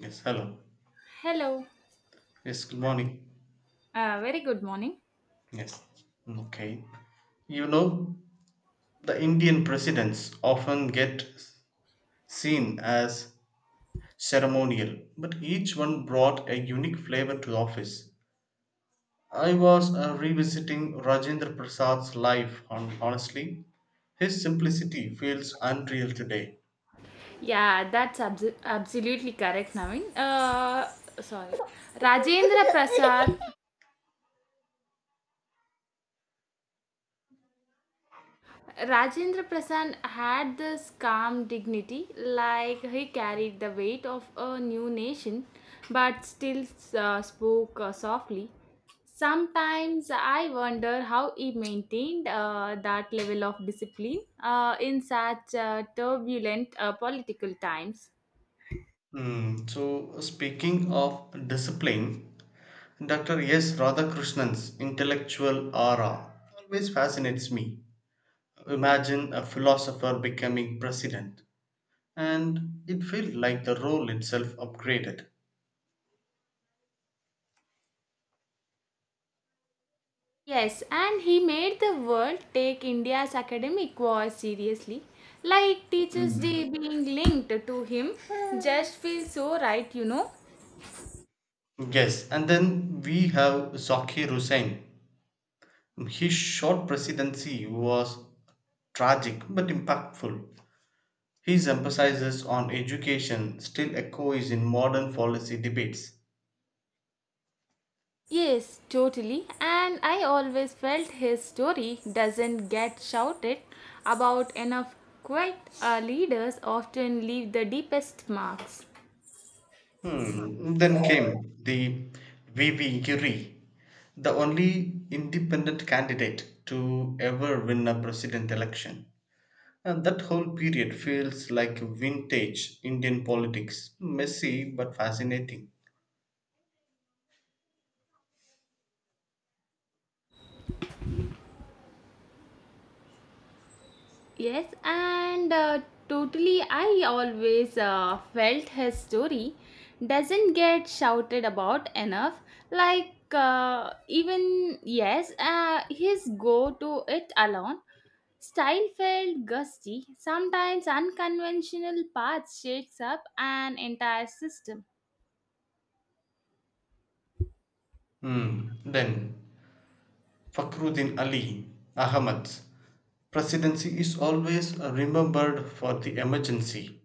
Yes, hello. Hello. Yes, good morning. Very good morning. Yes, okay. You know, the Indian presidents often get seen as ceremonial, but each one brought a unique flavor to the office. I was revisiting Rajendra Prasad's life, and honestly, his simplicity feels unreal today. Yeah, that's absolutely correct, Naveen. Sorry. Rajendra Prasad. Rajendra Prasad had this calm dignity, like he carried the weight of a new nation, but still spoke softly. Sometimes I wonder how he maintained that level of discipline in such turbulent political times. Hmm, so, speaking of discipline, Dr. S. Radhakrishnan's intellectual aura always fascinates me. Imagine a philosopher becoming president. And it felt like the role itself upgraded. Yes, and he made the world take India's academic war seriously. Like Teachers' Day being linked to him just feels so right. Yes, and then we have Zakir Hussain. His short presidency was tragic but impactful. His emphasis on education still echoes in modern policy debates. Yes, totally. And I always felt his story doesn't get shouted about enough. Quite leaders often leave the deepest marks. Hmm. Then came the V. V. Giri, the only independent candidate to ever win a president election. And that whole period feels like vintage Indian politics, messy but fascinating. Yes, and totally, I always felt his story doesn't get shouted about enough. Like, even, yes, his go to it alone style felt gusty. Sometimes unconventional paths shakes up an entire system. Hmm. Then, Fakhruddin Ali, Ahmad's presidency is always remembered for the emergency,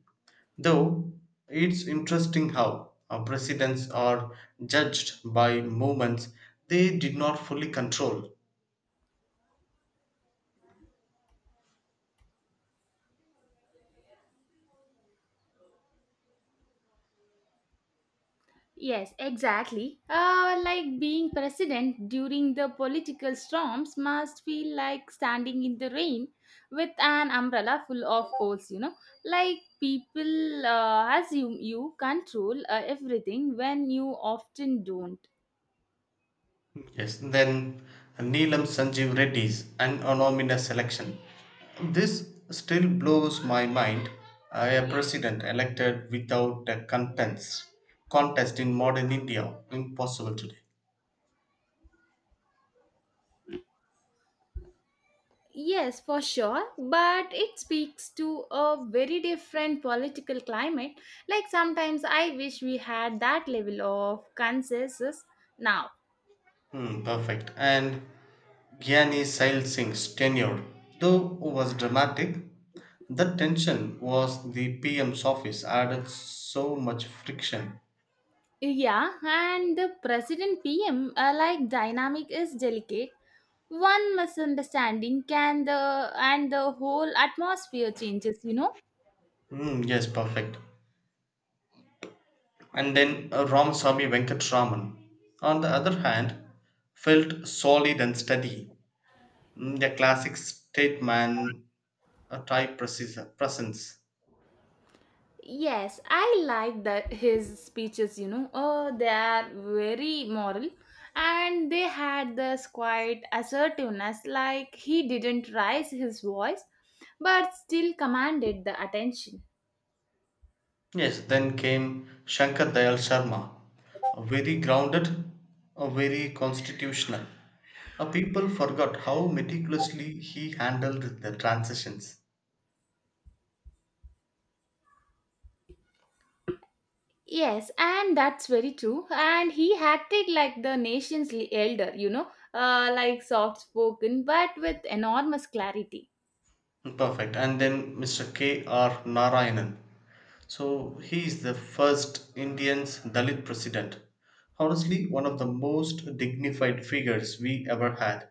though it's interesting how our presidents are judged by movements they did not fully control. Yes, exactly. Like being president during the political storms must feel like standing in the rain with an umbrella full of holes. Like people assume you control everything when you often don't. Yes, then Neelam Sanjeev Reddy's An Anonymous Election. This still blows my mind. A president elected without a contest in modern India, impossible today. Yes, for sure, but it speaks to a very different political climate. Like sometimes I wish we had that level of consensus now. Hmm, perfect. And Gyani Sail Singh's tenure, though was dramatic, the tension was the PM's office added so much friction. Yeah, and the president PM like dynamic is delicate. One misunderstanding can the and the whole atmosphere changes. Hmm, yes, perfect. And then Ramasamy Venkatraman, on the other hand, felt solid and steady, mm, a classic statesman type presence. Yes, I like that his speeches. Oh, they are very moral and they had this quiet assertiveness like he didn't raise his voice but still commanded the attention. Yes, then came Shankar Dayal Sharma, a very grounded, a very constitutional. People forgot how meticulously he handled the transitions. Yes, and that's very true. And he acted like the nation's elder, like soft spoken but with enormous clarity. Perfect. And then Mr. K. R. Narayanan, so he is the first Indian Dalit president. Honestly, one of the most dignified figures we ever had.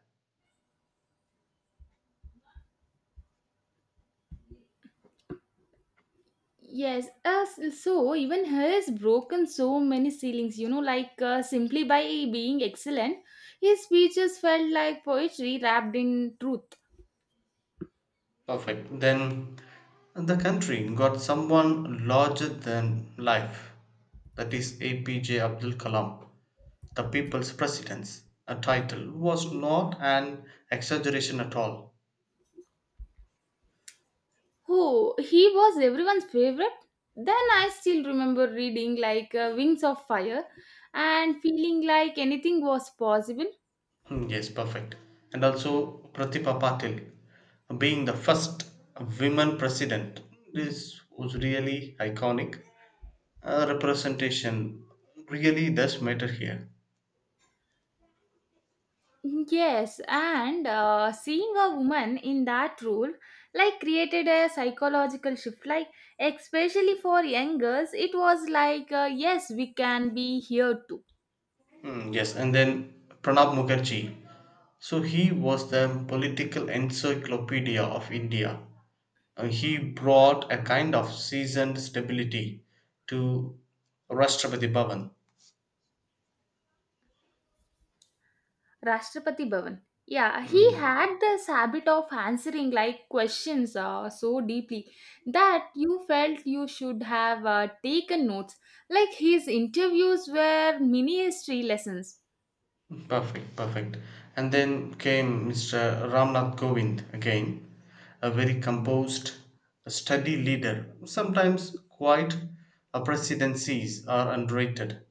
Yes, so even he has broken so many ceilings, like simply by being excellent, his speeches felt like poetry wrapped in truth. Perfect. Then the country got someone larger than life. That is APJ Abdul Kalam, the people's president. A title was not an exaggeration at all. Oh, he was everyone's favorite. Then I still remember reading like Wings of Fire and feeling like anything was possible. Hmm, yes, perfect. And also Pratibha Patil being the first women president. This was really iconic. Representation really does matter here. Yes, and seeing a woman in that role like created a psychological shift. Like, especially for young girls, it was like, yes, we can be here too. Hmm, yes, and then Pranab Mukherjee. So he was the political encyclopedia of India. He brought a kind of seasoned stability to Rashtrapati Bhavan. Rashtrapati Bhavan. Yeah, he Hmm. had this habit of answering like questions so deeply that you felt you should have taken notes. Like his interviews were mini history lessons. Perfect, perfect. And then came Mr. Ramnath Govind again, a very composed, a steady leader, sometimes quite a presidencies are underrated.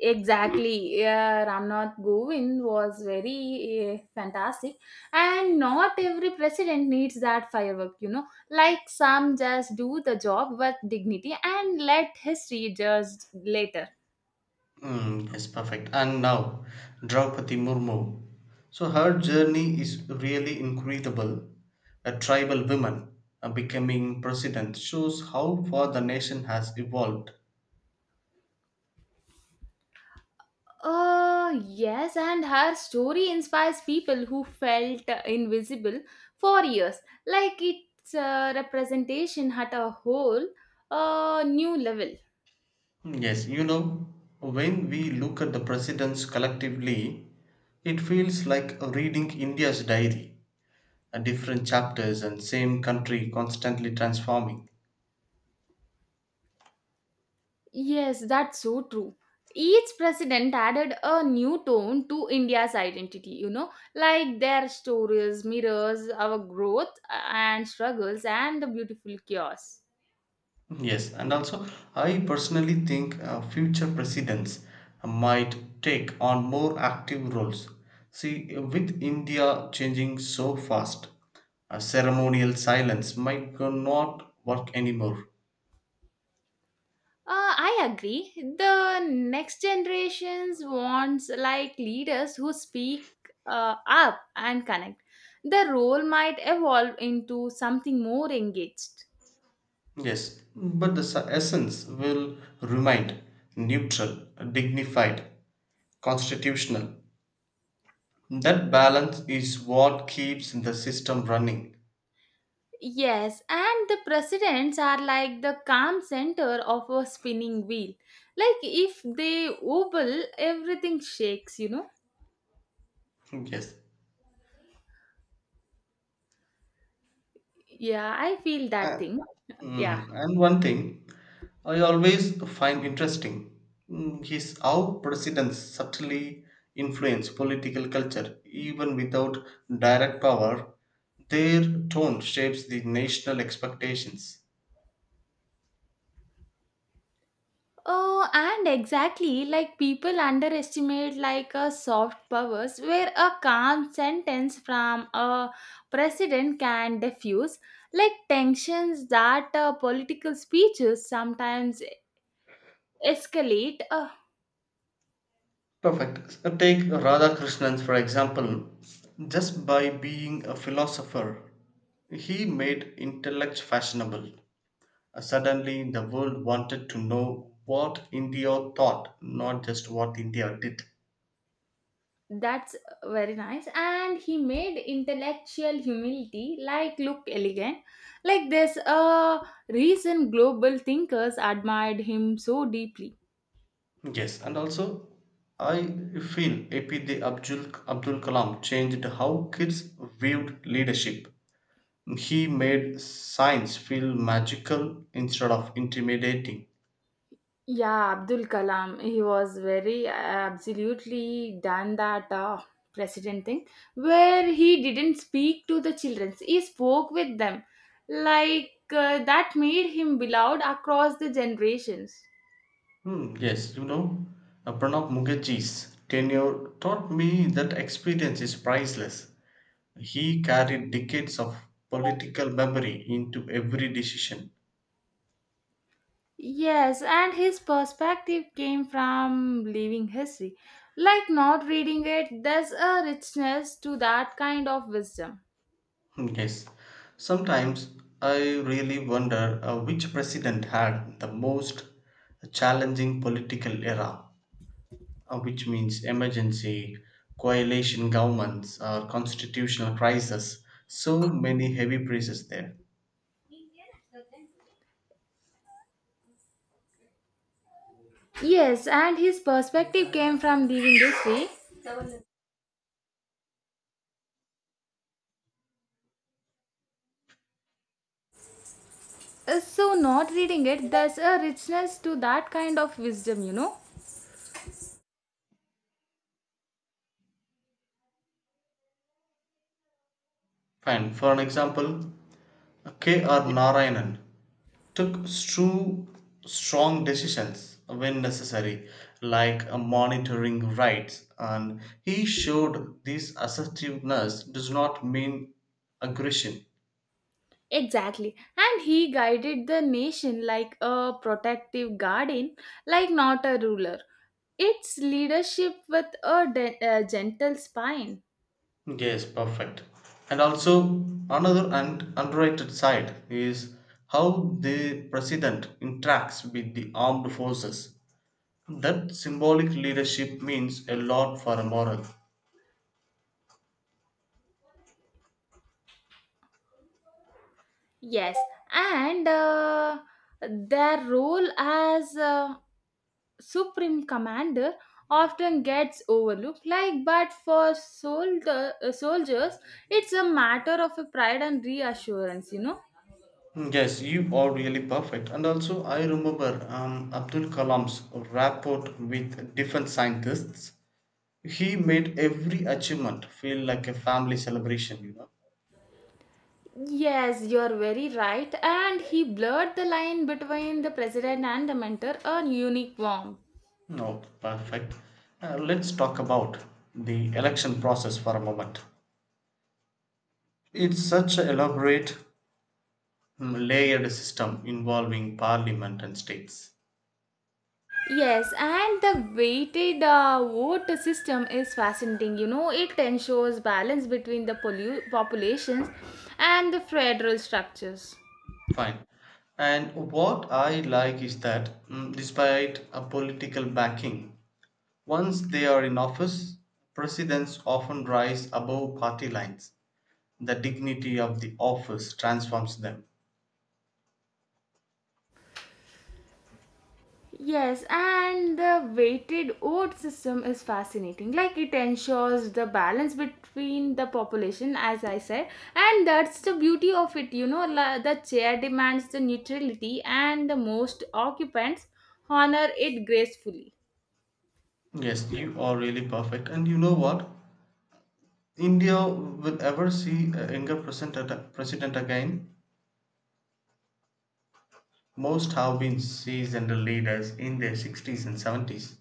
Exactly. Yeah, Ramnath Govind was very fantastic, and not every president needs that firework, you know. Like some just do the job with dignity and let history judge later. Mm, yes, perfect. And now, Draupadi Murmu. So her journey is really incredible. A tribal woman becoming president shows how far the nation has evolved. Yes, and her story inspires people who felt invisible for years. Like its representation had a whole new level. Hmm, yes, you know, when we look at the presidents collectively, it feels like reading India's diary, different chapters and same country constantly transforming. Yes, that's so true. Each president added a new tone to India's identity, you know, like their stories mirrors our growth and struggles and the beautiful chaos. Hmm, yes, and also I personally think future presidents might take on more active roles. See, with India changing so fast, a ceremonial silence might not work anymore. I agree. The next generations wants like leaders who speak up and connect. The role might evolve into something more engaged. No. Yes, but the essence will remain neutral, dignified, constitutional. That balance is what keeps the system running. Yes, and the presidents are like the calm center of a spinning wheel. Like if they wobble, everything shakes, you know? Yes. Yeah, I feel that Uh, thing. Yeah. And one thing I always find interesting mm, is how presidents subtly influence political culture even without direct power. Their tone shapes the national expectations. Oh, and exactly like people underestimate like a soft powers where a calm sentence from a president can diffuse like tensions that political speeches sometimes escalate. Perfect. Take Radhakrishnan, for example. Just by being a philosopher, he made intellect fashionable. Suddenly, the world wanted to know what India thought, not just what India did. That's very nice. And he made intellectual humility like look elegant. Like this recent global thinkers admired him so deeply. Yes, and also, I feel Abdul Kalam changed how kids viewed leadership. He made science feel magical instead of intimidating. Yeah, Abdul Kalam, he was very absolutely done that president thing where he didn't speak to the children, he spoke with them. Like that made him beloved across the generations. Hmm, yes, Pranab Mukherjee's tenure taught me that experience is priceless. He carried decades of political memory into every decision. Yes, and his perspective came from living history. Like not reading it, there's a richness to that kind of wisdom. Hmm, yes, sometimes I really wonder which president had the most challenging political era, which means emergency, coalition governments, or constitutional crisis. So many heavy praises there. Yes, and his perspective came from living history. So, not reading it, there's a richness to that kind of wisdom, you know? Fine. For an example, K. R. Narayanan took true strong decisions when necessary, like monitoring rights, and he showed this assertiveness does not mean aggression. Exactly. And he guided the nation like a protective guardian, like not a ruler. It's leadership with a a gentle spine. Yes, perfect. And also, another and underrated side is how the president interacts with the armed forces. That symbolic leadership means a lot for a moral. Yes, and their role as supreme commander often gets overlooked. Like, but for soldiers, it's a matter of a pride and reassurance, you know. Mm, yes, you are really perfect. And also, I remember Abdul Kalam's rapport with different scientists. He made every achievement feel like a family celebration, you know. Yes, you're very right. And he blurred the line between the president and the mentor, a unique warmth. No, perfect. Let's talk about the election process for a moment. It's such an elaborate, mm, layered system involving parliament and states. Yes, and the weighted vote system is fascinating. You know, it ensures balance between the populations and the federal structures. Fine. And what I like is that, mm, despite a political backing, once they are in office, presidents often rise above party lines. The dignity of the office transforms them. Yes, and the weighted vote system is fascinating. Like it ensures the balance between the population, as I said, and that's the beauty of it. You know, the chair demands the neutrality, and the most occupants honor it gracefully. Yes, you are really perfect. And you know what? India will ever see a younger president again. Most have been seasoned leaders in their 60s and 70s.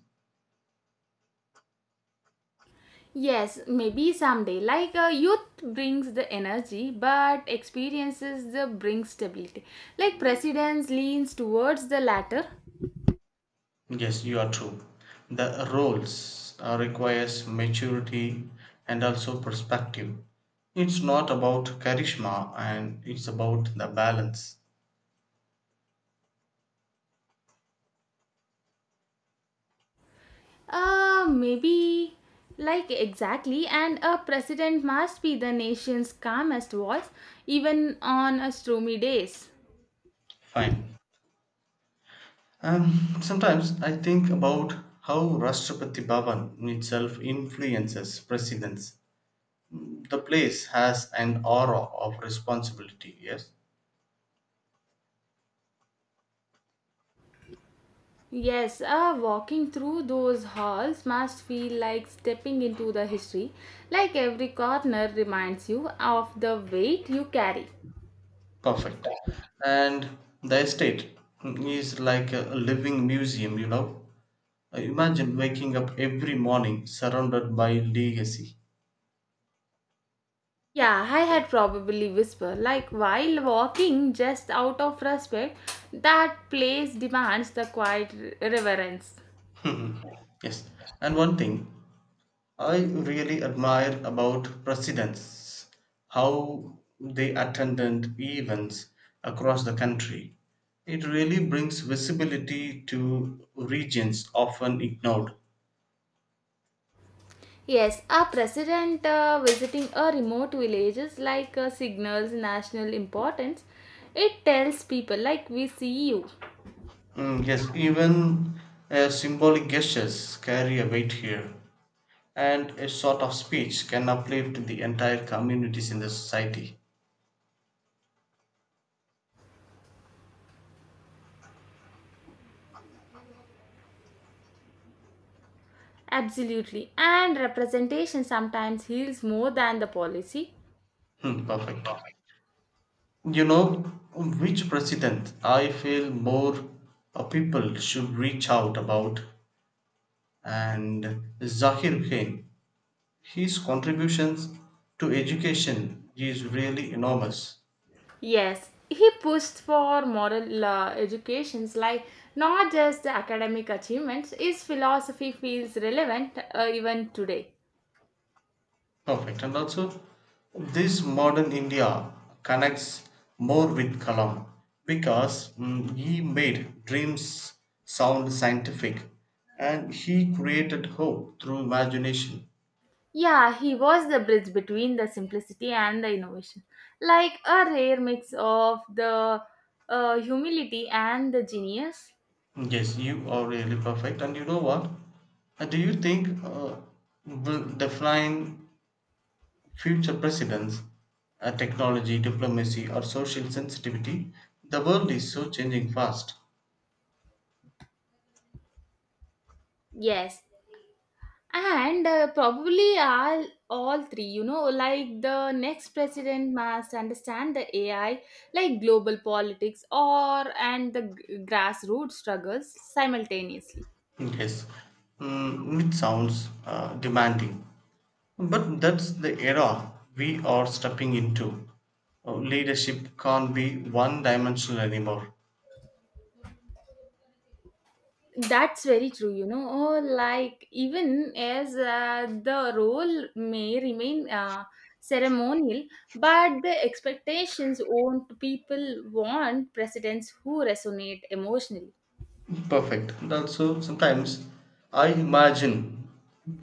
Yes, maybe someday. Like youth brings the energy, but experiences the brings stability. Like precedence leans towards the latter. Yes, you are true. The roles requires maturity and also perspective. It's not about charisma and it's about the balance. Maybe like Exactly, and a president must be the nation's calmest voice, even on a stormy days. Fine. Sometimes I think about how Rashtrapati Bhavan itself influences presidents. The place has an aura of responsibility, yes? Yes, walking through those halls must feel like stepping into the history. Like every corner reminds you of the weight you carry. Perfect. And the estate is like a living museum, you know? Imagine waking up every morning surrounded by legacy. Yeah, I had probably whispered, like while walking just out of respect, that place demands the quiet reverence. Yes. And one thing I really admire about presidents how they attended events across the country. It really brings visibility to regions often ignored. Yes, a president visiting a remote village is like signals national importance. It tells people, like, we see you. Mm, yes, even symbolic gestures carry a weight here, and a sort of speech can uplift the entire communities in the society. Absolutely. And representation sometimes heals more than the policy. Hmm, perfect. You know, which president I feel more people should reach out about and Zakir Khan. His contributions to education is really enormous. Yes, he pushed for moral educations like not just the academic achievements. His philosophy feels relevant even today. Perfect. And also, this modern India connects more with Kalam because mm, he made dreams sound scientific and he created hope through imagination. Yeah, he was the bridge between the simplicity and the innovation, like a rare mix of the humility and the genius. Yes, you are really perfect. And you know what? Do you think will the flying future presidents, technology, diplomacy, or social sensitivity. The world is so changing fast. Yes, and all three, you know, like the next president must understand the AI, like global politics or and the grassroots struggles simultaneously. Yes, mm, it sounds demanding, but that's the era we are stepping into. Leadership can't be one dimensional anymore. That's very true, you know, oh, like even as the role may remain ceremonial, but the expectations owned people want presidents who resonate emotionally. Perfect. And also, sometimes I imagine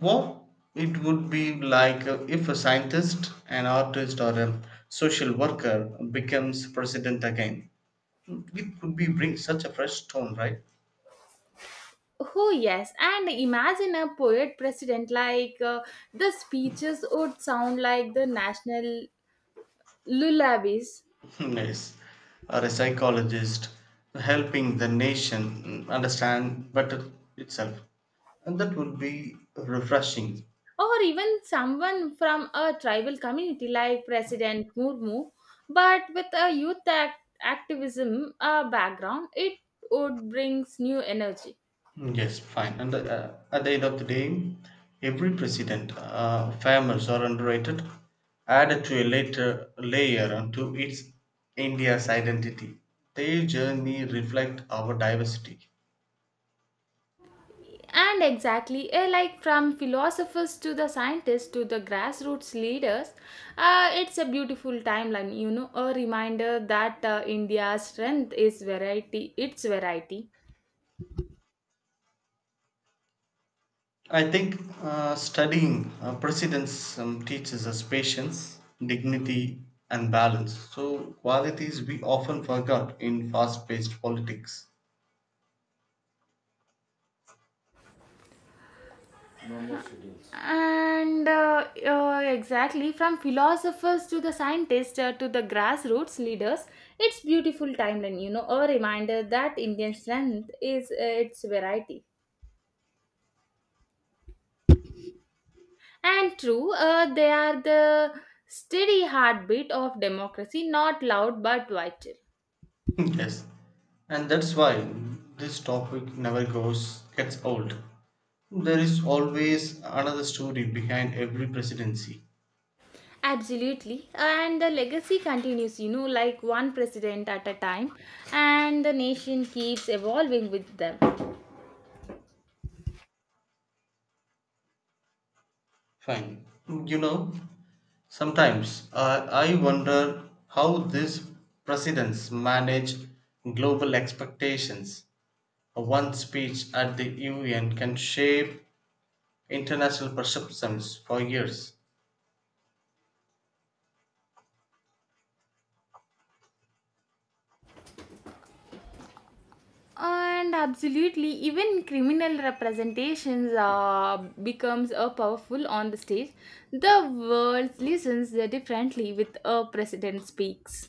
what it would be like if a scientist, an artist, or a social worker becomes president again. It could be bring such a fresh tone, right? Oh, yes. And imagine a poet president like the speeches would sound like the national lullabies, Yes. Or a psychologist helping the nation understand better itself. And that would be refreshing. or even someone from a tribal community like President Murmu. But with a youth activism background, it would brings new energy. Mm, yes, fine. And at the end of the day, every president' famous or underrated, added to a later layer onto its India's identity. Their journey reflect our diversity. And exactly, eh, like from philosophers to the scientists to the grassroots leaders, it's a beautiful timeline, you know, a reminder that India's strength is variety, its variety. I think studying precedents teaches us patience, dignity, and balance. So qualities we often forgot in fast-paced politics. And exactly, from philosophers to the scientists to the grassroots leaders, it's beautiful timeline, you know, a reminder that Indian strength is its variety. And true, they are the steady heartbeat of democracy, not loud but vital. Yes, and that's why this topic never goes gets old. There is always another story behind every presidency. Absolutely. And the legacy continues, you know, like one president at a time, and the nation keeps evolving with them. Fine. You know, sometimes I wonder how these presidents manage global expectations. One speech at the UN can shape international perceptions for years. And absolutely, even criminal representations becomes powerful on the stage. The world listens differently with a president speaks.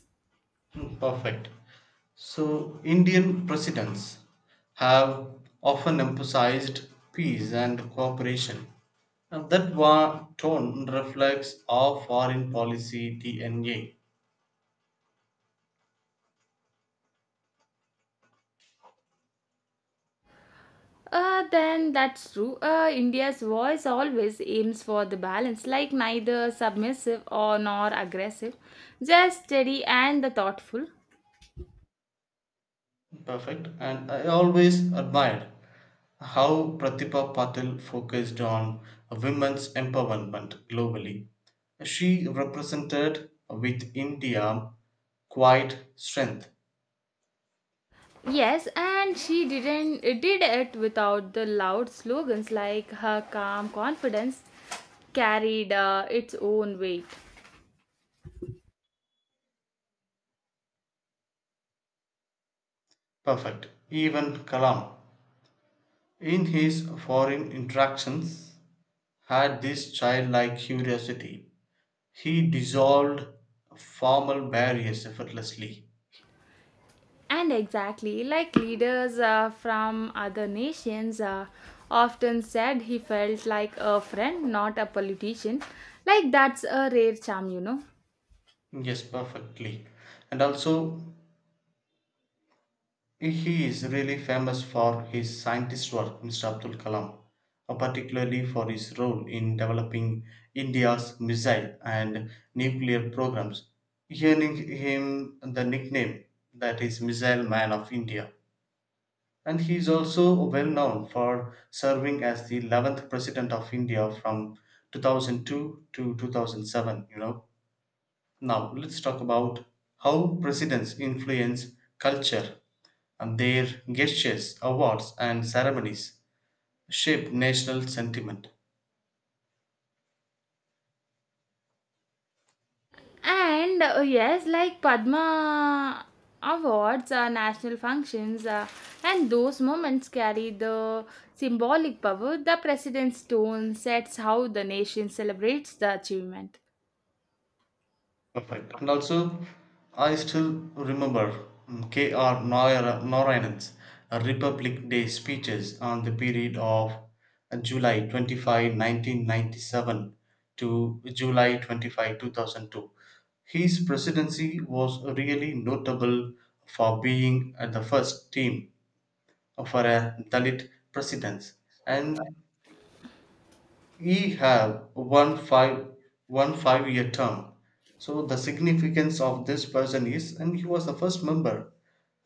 Mm, perfect. So, Indian presidents have often emphasized peace and cooperation. And that tone reflects our foreign policy DNA. Then that's true. India's voice always aims for the balance, like neither submissive or nor aggressive, just steady and the thoughtful. Perfect. And I always admired how Pratibha Patil focused on women's empowerment globally. She represented with India quite strength. Yes, and she didn't did it without the loud slogans. Like her calm confidence carried its own weight. Perfect. Even Kalam in his foreign interactions had this childlike curiosity. He dissolved formal barriers effortlessly. And exactly, like leaders from other nations often said, he felt like a friend, not a politician. Like, that's a rare charm, you know. Yes, perfectly. And also, he is really famous for his scientist work, Mr. Abdul Kalam, particularly for his role in developing India's missile and nuclear programs, earning him the nickname that is Missile Man of India. And he is also well known for serving as the 11th President of India from 2002 to 2007. You know, now let's talk about how presidents influence culture and their gestures, awards, and ceremonies shape national sentiment. And yes, like Padma awards, national functions, and those moments carry the symbolic power. The president's tone sets how the nation celebrates the achievement. Perfect. And also, I still remember mm, K.R. Narayanan's Republic Day speeches on the period of July 25, 1997 to July 25, 2002. His presidency was really notable for being the first team for a Dalit president and Ye have one five year term. So the significance of this person is, and he was the first member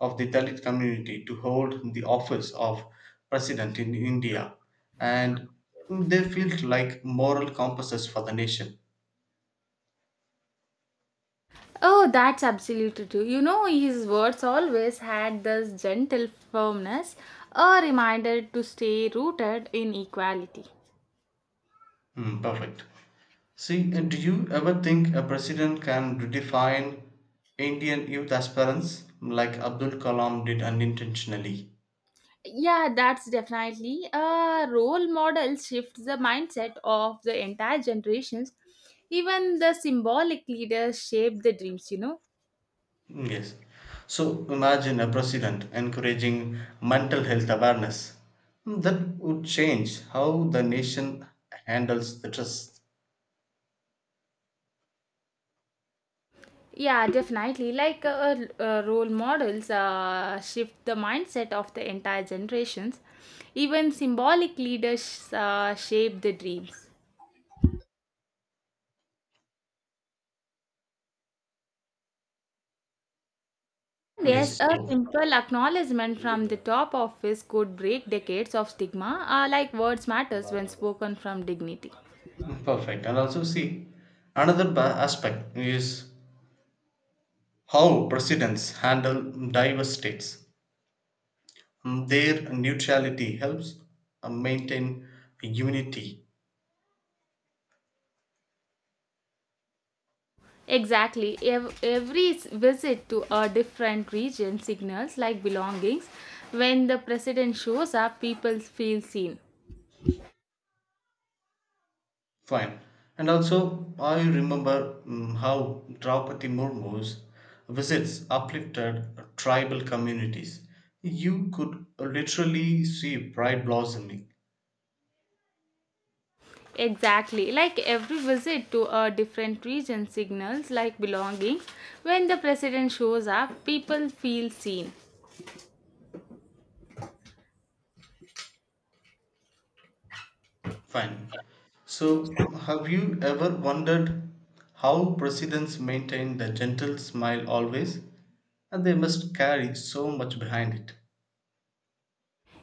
of the Dalit community to hold the office of president in India, and they felt like moral compasses for the nation. Oh, that's absolutely true. You know, his words always had this gentle firmness, a reminder to stay rooted in equality. Hmm, perfect. See, and do you ever think a president can redefine Indian youth aspirants like Abdul Kalam did unintentionally? Yeah, that's definitely a role model shifts the mindset of the entire generations. Even the symbolic leaders shape the dreams, you know. Mm, yes. So imagine a president encouraging mental health awareness. Mm, that would change how the nation handles the trust. Yeah, definitely. Like role models shift the mindset of the entire generations. Even symbolic leaders shape the dreams. Yes, Yes. a So simple acknowledgement from the top office could break decades of stigma, like words matters when spoken from dignity. mm, perfect. And also see, another aspect is how presidents handle diverse states. Mm, their neutrality helps maintain unity. Exactly. Every visit to a different region signals like belongings. When the president shows up, people feel seen. Fine. And also, I remember mm, how Draupadi Murmu's visits uplifted tribal communities. You could literally see pride blossoming. Exactly. Like every visit to a different region signals like belongings. When the president shows up, people feel seen. Fine. So, have you ever wondered how presidents maintain the gentle smile always? And they must carry so much behind it.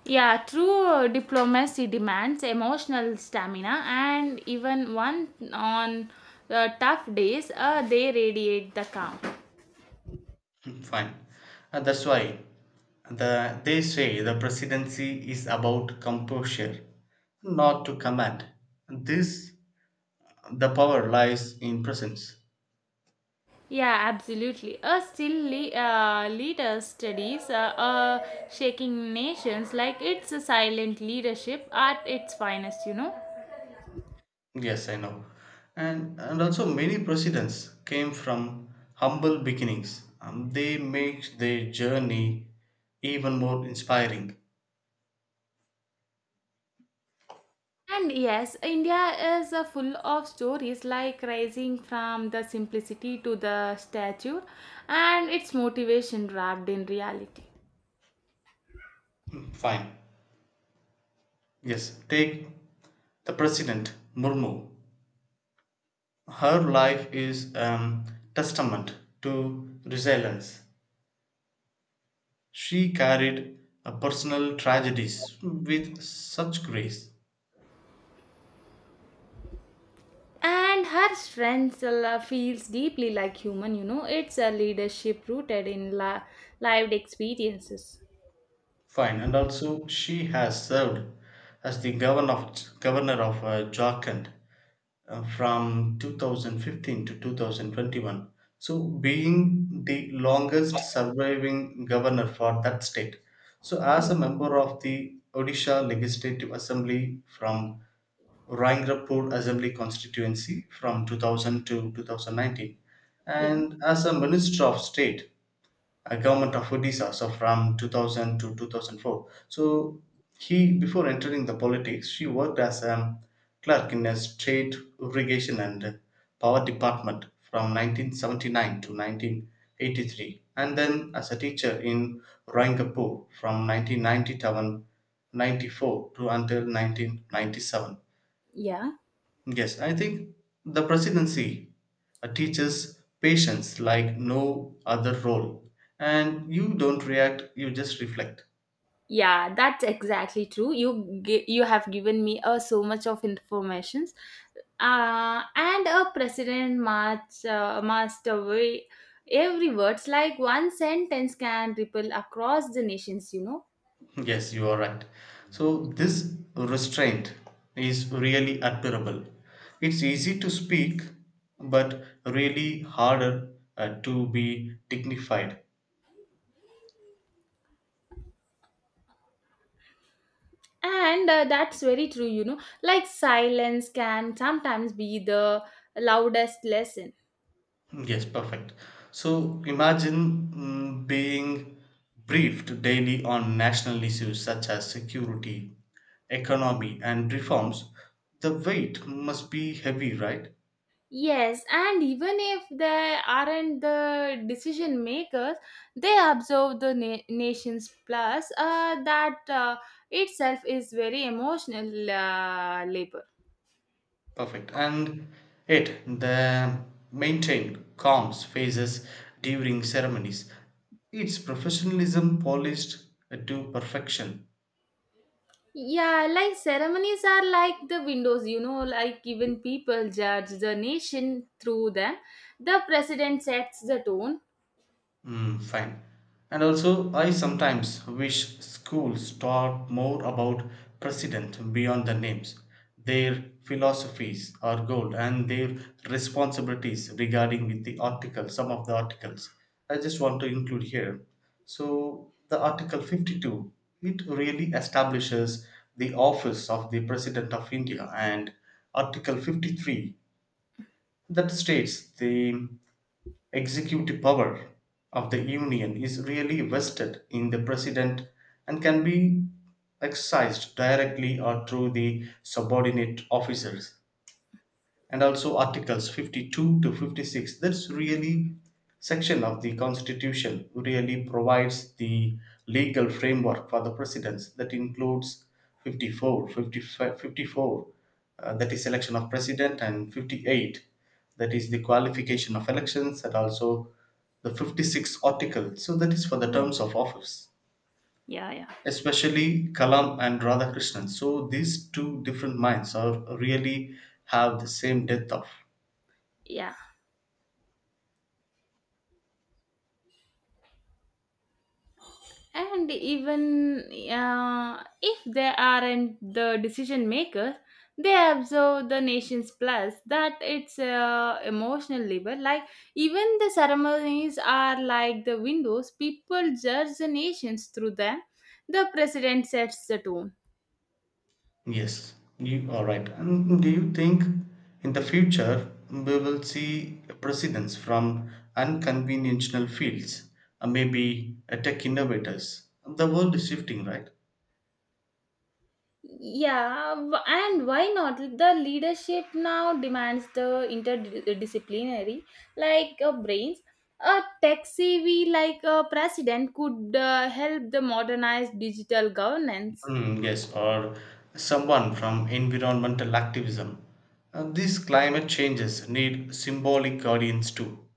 Yeah, true diplomacy demands emotional stamina, and even one on tough days, they radiate the calm. Fine. That's why they say the presidency is about composure, not to command. This The power lies in presence. Yeah, absolutely. A still leader studies shaking nations like it's a silent leadership at its finest, you know. Yes, I know. And also many presidents came from humble beginnings. They make their journey even more inspiring. And yes, India is full of stories like rising from the simplicity to the stature and its motivation wrapped in reality. Fine. Yes, take the president Murmu. Her life is testament to resilience. She carried personal tragedies with such grace. And her strength feels deeply like human, you know, it's a leadership rooted in lived experiences. Fine, and also she has served as the governor of Jharkhand from 2015 to 2021. So, being the longest surviving governor for that state. So, as Yeah. a member of the Odisha Legislative Assembly from Rangrapur Assembly constituency from 2000 to 2019 yeah and as a Minister of State, a government of Odisha so from 2000 to 2004. So before entering the politics, she worked as a clerk in a state irrigation and power department from 1979 to 1983 and then as a teacher in Rangrapur from 1997 94 to until 1997. yeah Yes, I think the presidency teaches patience like no other role. And you don't react, you just reflect. yeah, that's exactly true. You you have given me so much of informations, and a president must weigh every words like one sentence can ripple across the nations, you know. Yes, you are right. So, this restraint is really admirable. It's easy to speak, but really harder to be dignified. And that's very true, you know. Like silence can sometimes be the loudest lesson. Yes, perfect. So imagine being briefed daily on national issues such as security, economy, and reforms. The weight must be heavy, right? Yes, and even if they aren't the decision makers, they observe the nations. Plus, that itself is very emotional labor. Perfect. And the maintained calms phases during ceremonies. It's professionalism polished to perfection. Yeah, like ceremonies are like the windows, like even people judge the nation through them. The president sets the tone. Mm, fine. And also, I sometimes wish schools taught more about precedent beyond the names, their philosophies or goal, and their responsibilities regarding with the article, some of the articles. I just want to include here. So, the Article 52, it really establishes the office of the President of India, and Article 53 that states the executive power of the union is really vested in the president and can be exercised directly or through the subordinate officers, and also articles 52 to 56, that's really section of the constitution, really provides the legal framework for the presidents that includes 54 54 that is election of president, and 58 that is the qualification of elections, and also the 56th article, so that is for the Yeah. terms of office, Yeah, yeah. especially Kalam and Radhakrishnan. So these two different minds are really have the same depth of. Yeah. And even if they aren't the decision makers, they observe the nation's, plus that it's emotional labor, like even the ceremonies are like the windows, people judge the nations through them. The president sets the tone. Yes, you are right. And do you think in the future we will see presidents from unconventional fields, maybe tech innovators? The world is shifting, right? Yeah, and why not? The leadership now demands the interdisciplinary, like brains. A tech savvy like a president could help the modernize digital governance. Mm, yes, or someone from environmental activism. These climate changes need symbolic guardians too.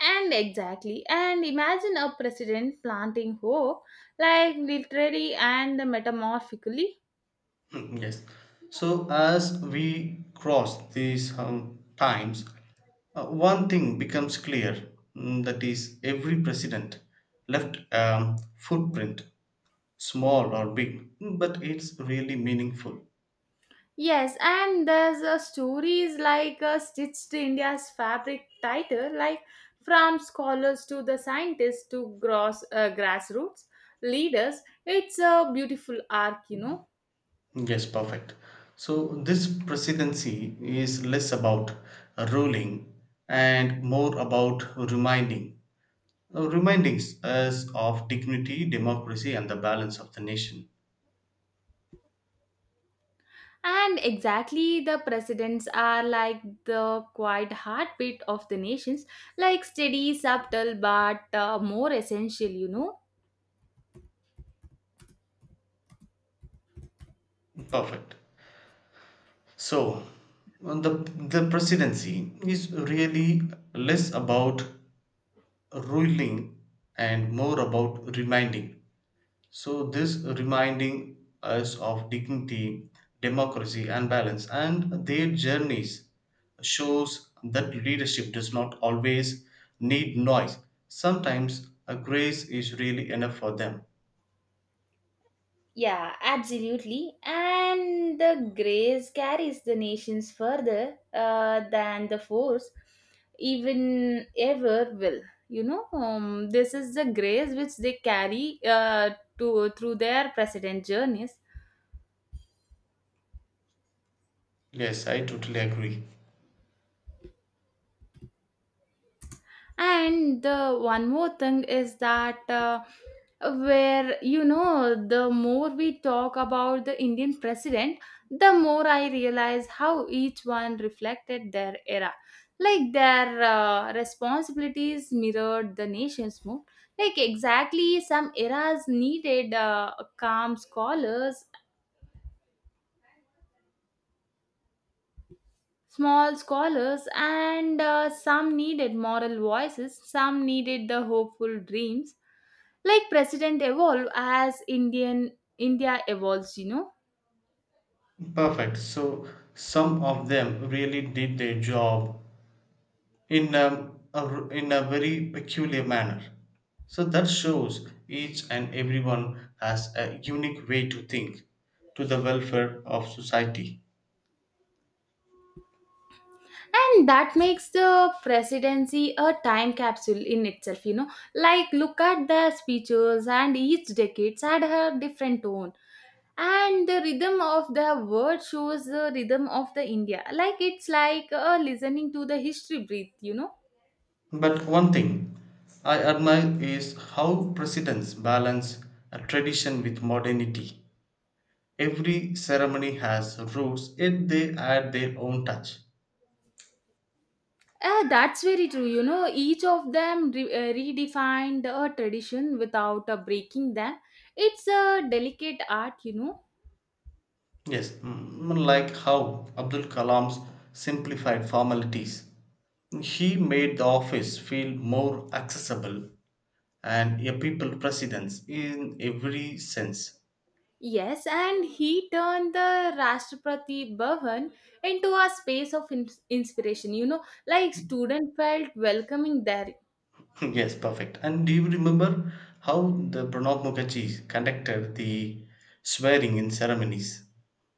And exactly, and imagine a president planting hope, like literally and metamorphically. Mm, yes. So as we cross these times, one thing becomes clear, mm, that is, every president left footprint, small or big, hmm, but it's really meaningful. Yes, and there's a stories like stitched India's fabric tighter, like from scholars to the scientists to grassroots leaders. It's a beautiful arc. Yes, perfect. So this presidency is less about ruling and more about reminding, reminding us of dignity, democracy, and the balance of the nation. And exactly the presidents are like the quiet heartbeat of the nations, like steady, subtle, but more essential. Perfect. So, the presidency is really less about ruling and more about reminding. So, this reminding us of dignity, democracy, and balance, and their journeys shows that leadership does not always need noise. Sometimes a grace is really enough for them. Yeah, absolutely. And the grace carries the nations further than the force even ever will. This is the grace which they carry to through their precedent journeys. Yes, I totally agree. And the one more thing is that where you know the more we talk about the indian president, the more I realize how each one reflected their era, like their responsibilities mirrored the nation's mood, like exactly some eras needed calm scholars, small scholars, and some needed moral voices, some needed the hopeful dreams, like president evolve as india evolves. Perfect. So some of them really did their job in a very peculiar manner. So that shows each and everyone has a unique way to think to the welfare of society. And that makes the presidency a time capsule in itself. Like look at the speeches, and each decade had a different tone, and the rhythm of the word shows the rhythm of the india, like it's like listening to the history breathe. But one thing I admire is how presidents balance a tradition with modernity. Every ceremony has rules, yet they add their own touch. That's very true. You know, each of them redefined a tradition without breaking them. It's a delicate art. Yes, mm, like how Abdul Kalam's simplified formalities. He made the office feel more accessible and a people presence in every sense. Yes, and he turned the Rashtrapati Bhavan into a space of inspiration. You know, like student felt welcoming there. Yes, perfect. And do you remember how the Pranab Mukherjee conducted the swearing in ceremonies?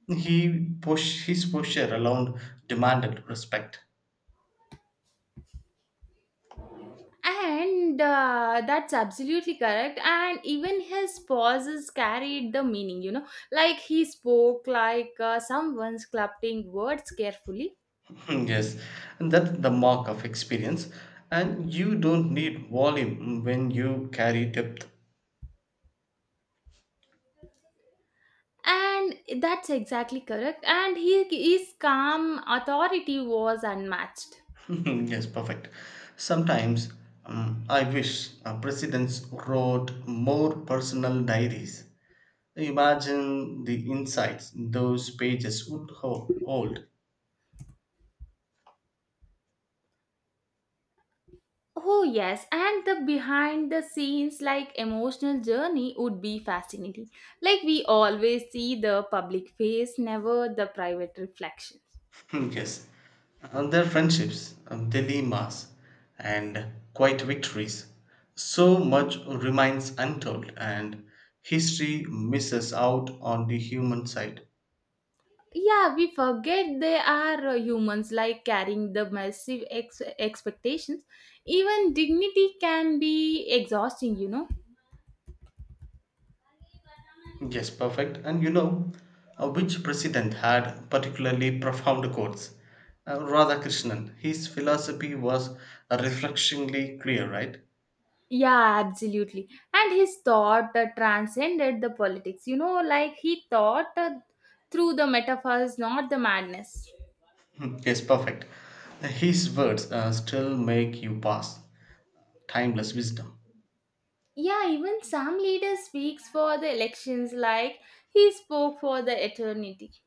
He push his posture alone demanded respect. And that's absolutely correct. And even his pauses carried the meaning. You know, like he spoke like someone's clutching words carefully. Hmm, yes, and that's the mark of experience. And you don't need volume when you carry depth. And that's exactly correct, and he his calm authority was unmatched. Yes, perfect. Sometimes I wish presidents wrote more personal diaries. Imagine the insights those pages would hold. Oh yes, and the behind the scenes like emotional journey would be fascinating, like we always see the public face, never the private reflections. Hmm, yes, and their friendships, dilemmas, and quiet victories. So much remains untold, and history misses out on the human side. Yeah, we forget they are humans, like carrying the massive expectations. Even dignity can be exhausting. Yes, perfect. And you know which president had particularly profound quotes? Radhakrishnan. His philosophy was refreshingly clear, right? Yeah, absolutely. And his thought transcended the politics. You know, like he thought through the metaphors, not the madness. Hmm, yes, perfect. His words still make you pass. Timeless wisdom. Yeah, even some leader speaks for the elections, like he spoke for the eternity.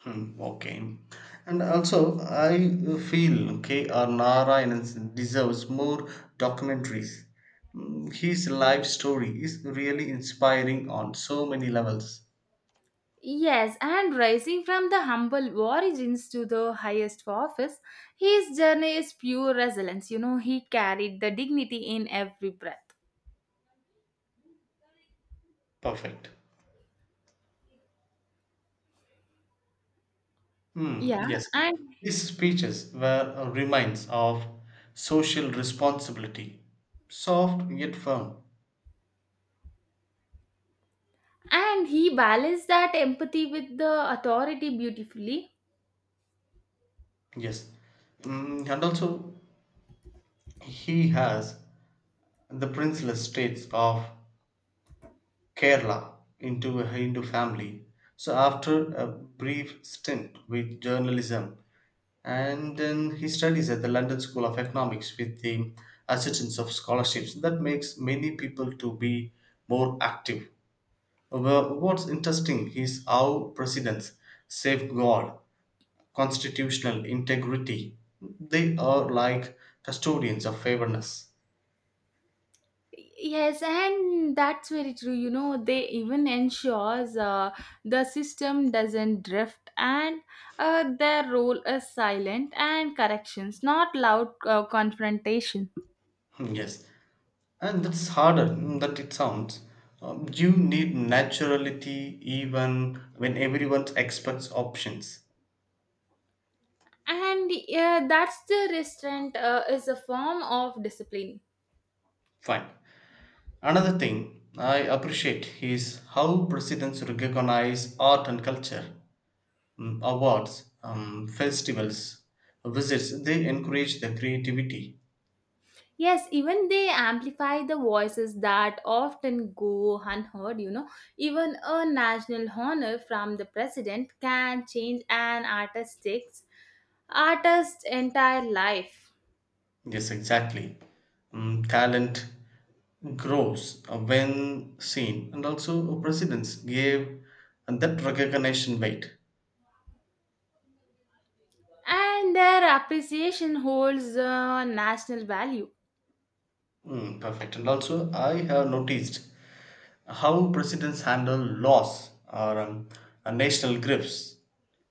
Hmm, okay. And also, I feel K.R. Narayanan deserves more documentaries. Hmm, his life story is really inspiring on so many levels. Yes, and rising from the humble origins to the highest office, his journey is pure resilience. You know, he carried the dignity in every breath. Perfect. Hmm, Yeah, yes. and These speeches were reminds of social responsibility, soft yet firm. and he balanced that empathy with the authority beautifully. Yes. Mm, and also, he has the princeless states of Kerala into a Hindu family. So, after a brief stint with journalism, and then he studies at the London School of Economics with the assistance of scholarships. That makes many people to be more active. Well, what's interesting is how presidents safeguard constitutional integrity. They are like custodians of fairness. Yes, and that's very true. You know, they even ensures the system doesn't drift, and their role is silent and corrections, not loud confrontation. Hmm, yes, and that's harder than it sounds. You need naturality even when everyone expects options. And that's the restraint, is a form of discipline. Fine. Another thing I appreciate is how presidents recognize art and culture. Mm, awards, festivals, visits, they encourage the creativity. Yes, even they amplify the voices that often go unheard, you know. Even a national honor from the president can change an artist's entire life. Yes, exactly. Mm, talent grows when seen, and also presidents gave that recognition weight. And their appreciation holds a national value. Mm, perfect. And also, I have noticed how presidents handle laws or national griefs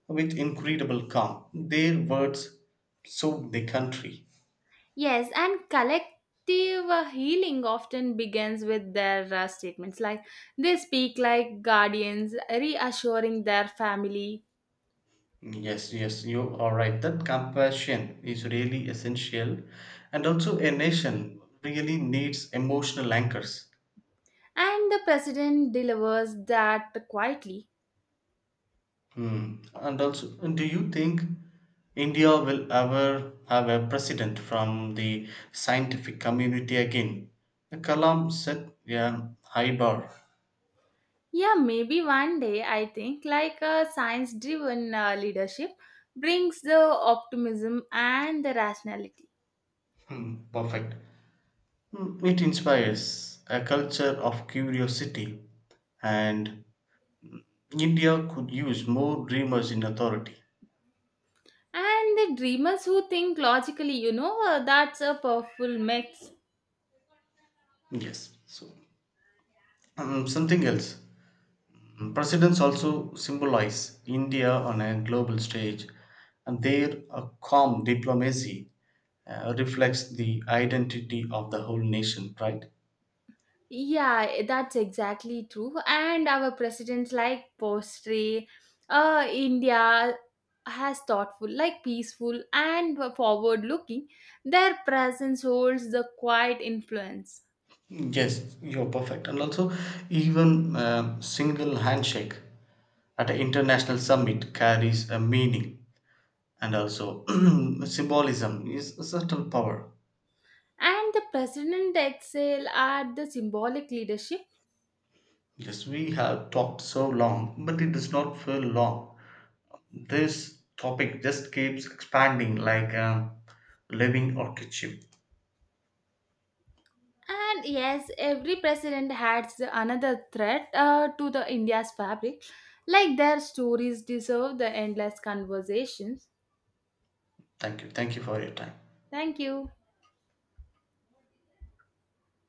with incredible calm. Their words soak the country. Yes, and collective healing often begins with their statements, like they speak like guardians, reassuring their family. Yes, yes, you are right. That compassion is really essential, and also a nation really needs emotional anchors. And the president delivers that quietly. Hmm. And also, do you think India will ever have a president from the scientific community again? Kalam set a high bar. Yeah, maybe one day I think like a science driven leadership brings the optimism and the rationality. Hmm, perfect. Hmm, it inspires a culture of curiosity, and India could use more dreamers in authority. And the dreamers who think logically, you know, that's a powerful mix. Yes. So, something else. Mm, presidents also symbolize India on a global stage, and their calm diplomacy reflects the identity of the whole nation, right? Yeah, that's exactly true. And our presidents like Postre, India has thoughtful, like peaceful and forward looking. Their presence holds the quiet influence. Yes, you're perfect. And also, even single handshake at an international summit carries a meaning, and also symbolism is a subtle power. And the president excel at the symbolic leadership. Yes, we have talked so long, but it does not feel long. This topic just keeps expanding like a living orchid. Ship. And yes, every president adds another thread to the India's fabric. Like their stories deserve the endless conversations. Thank you. Thank you for your time. Thank you.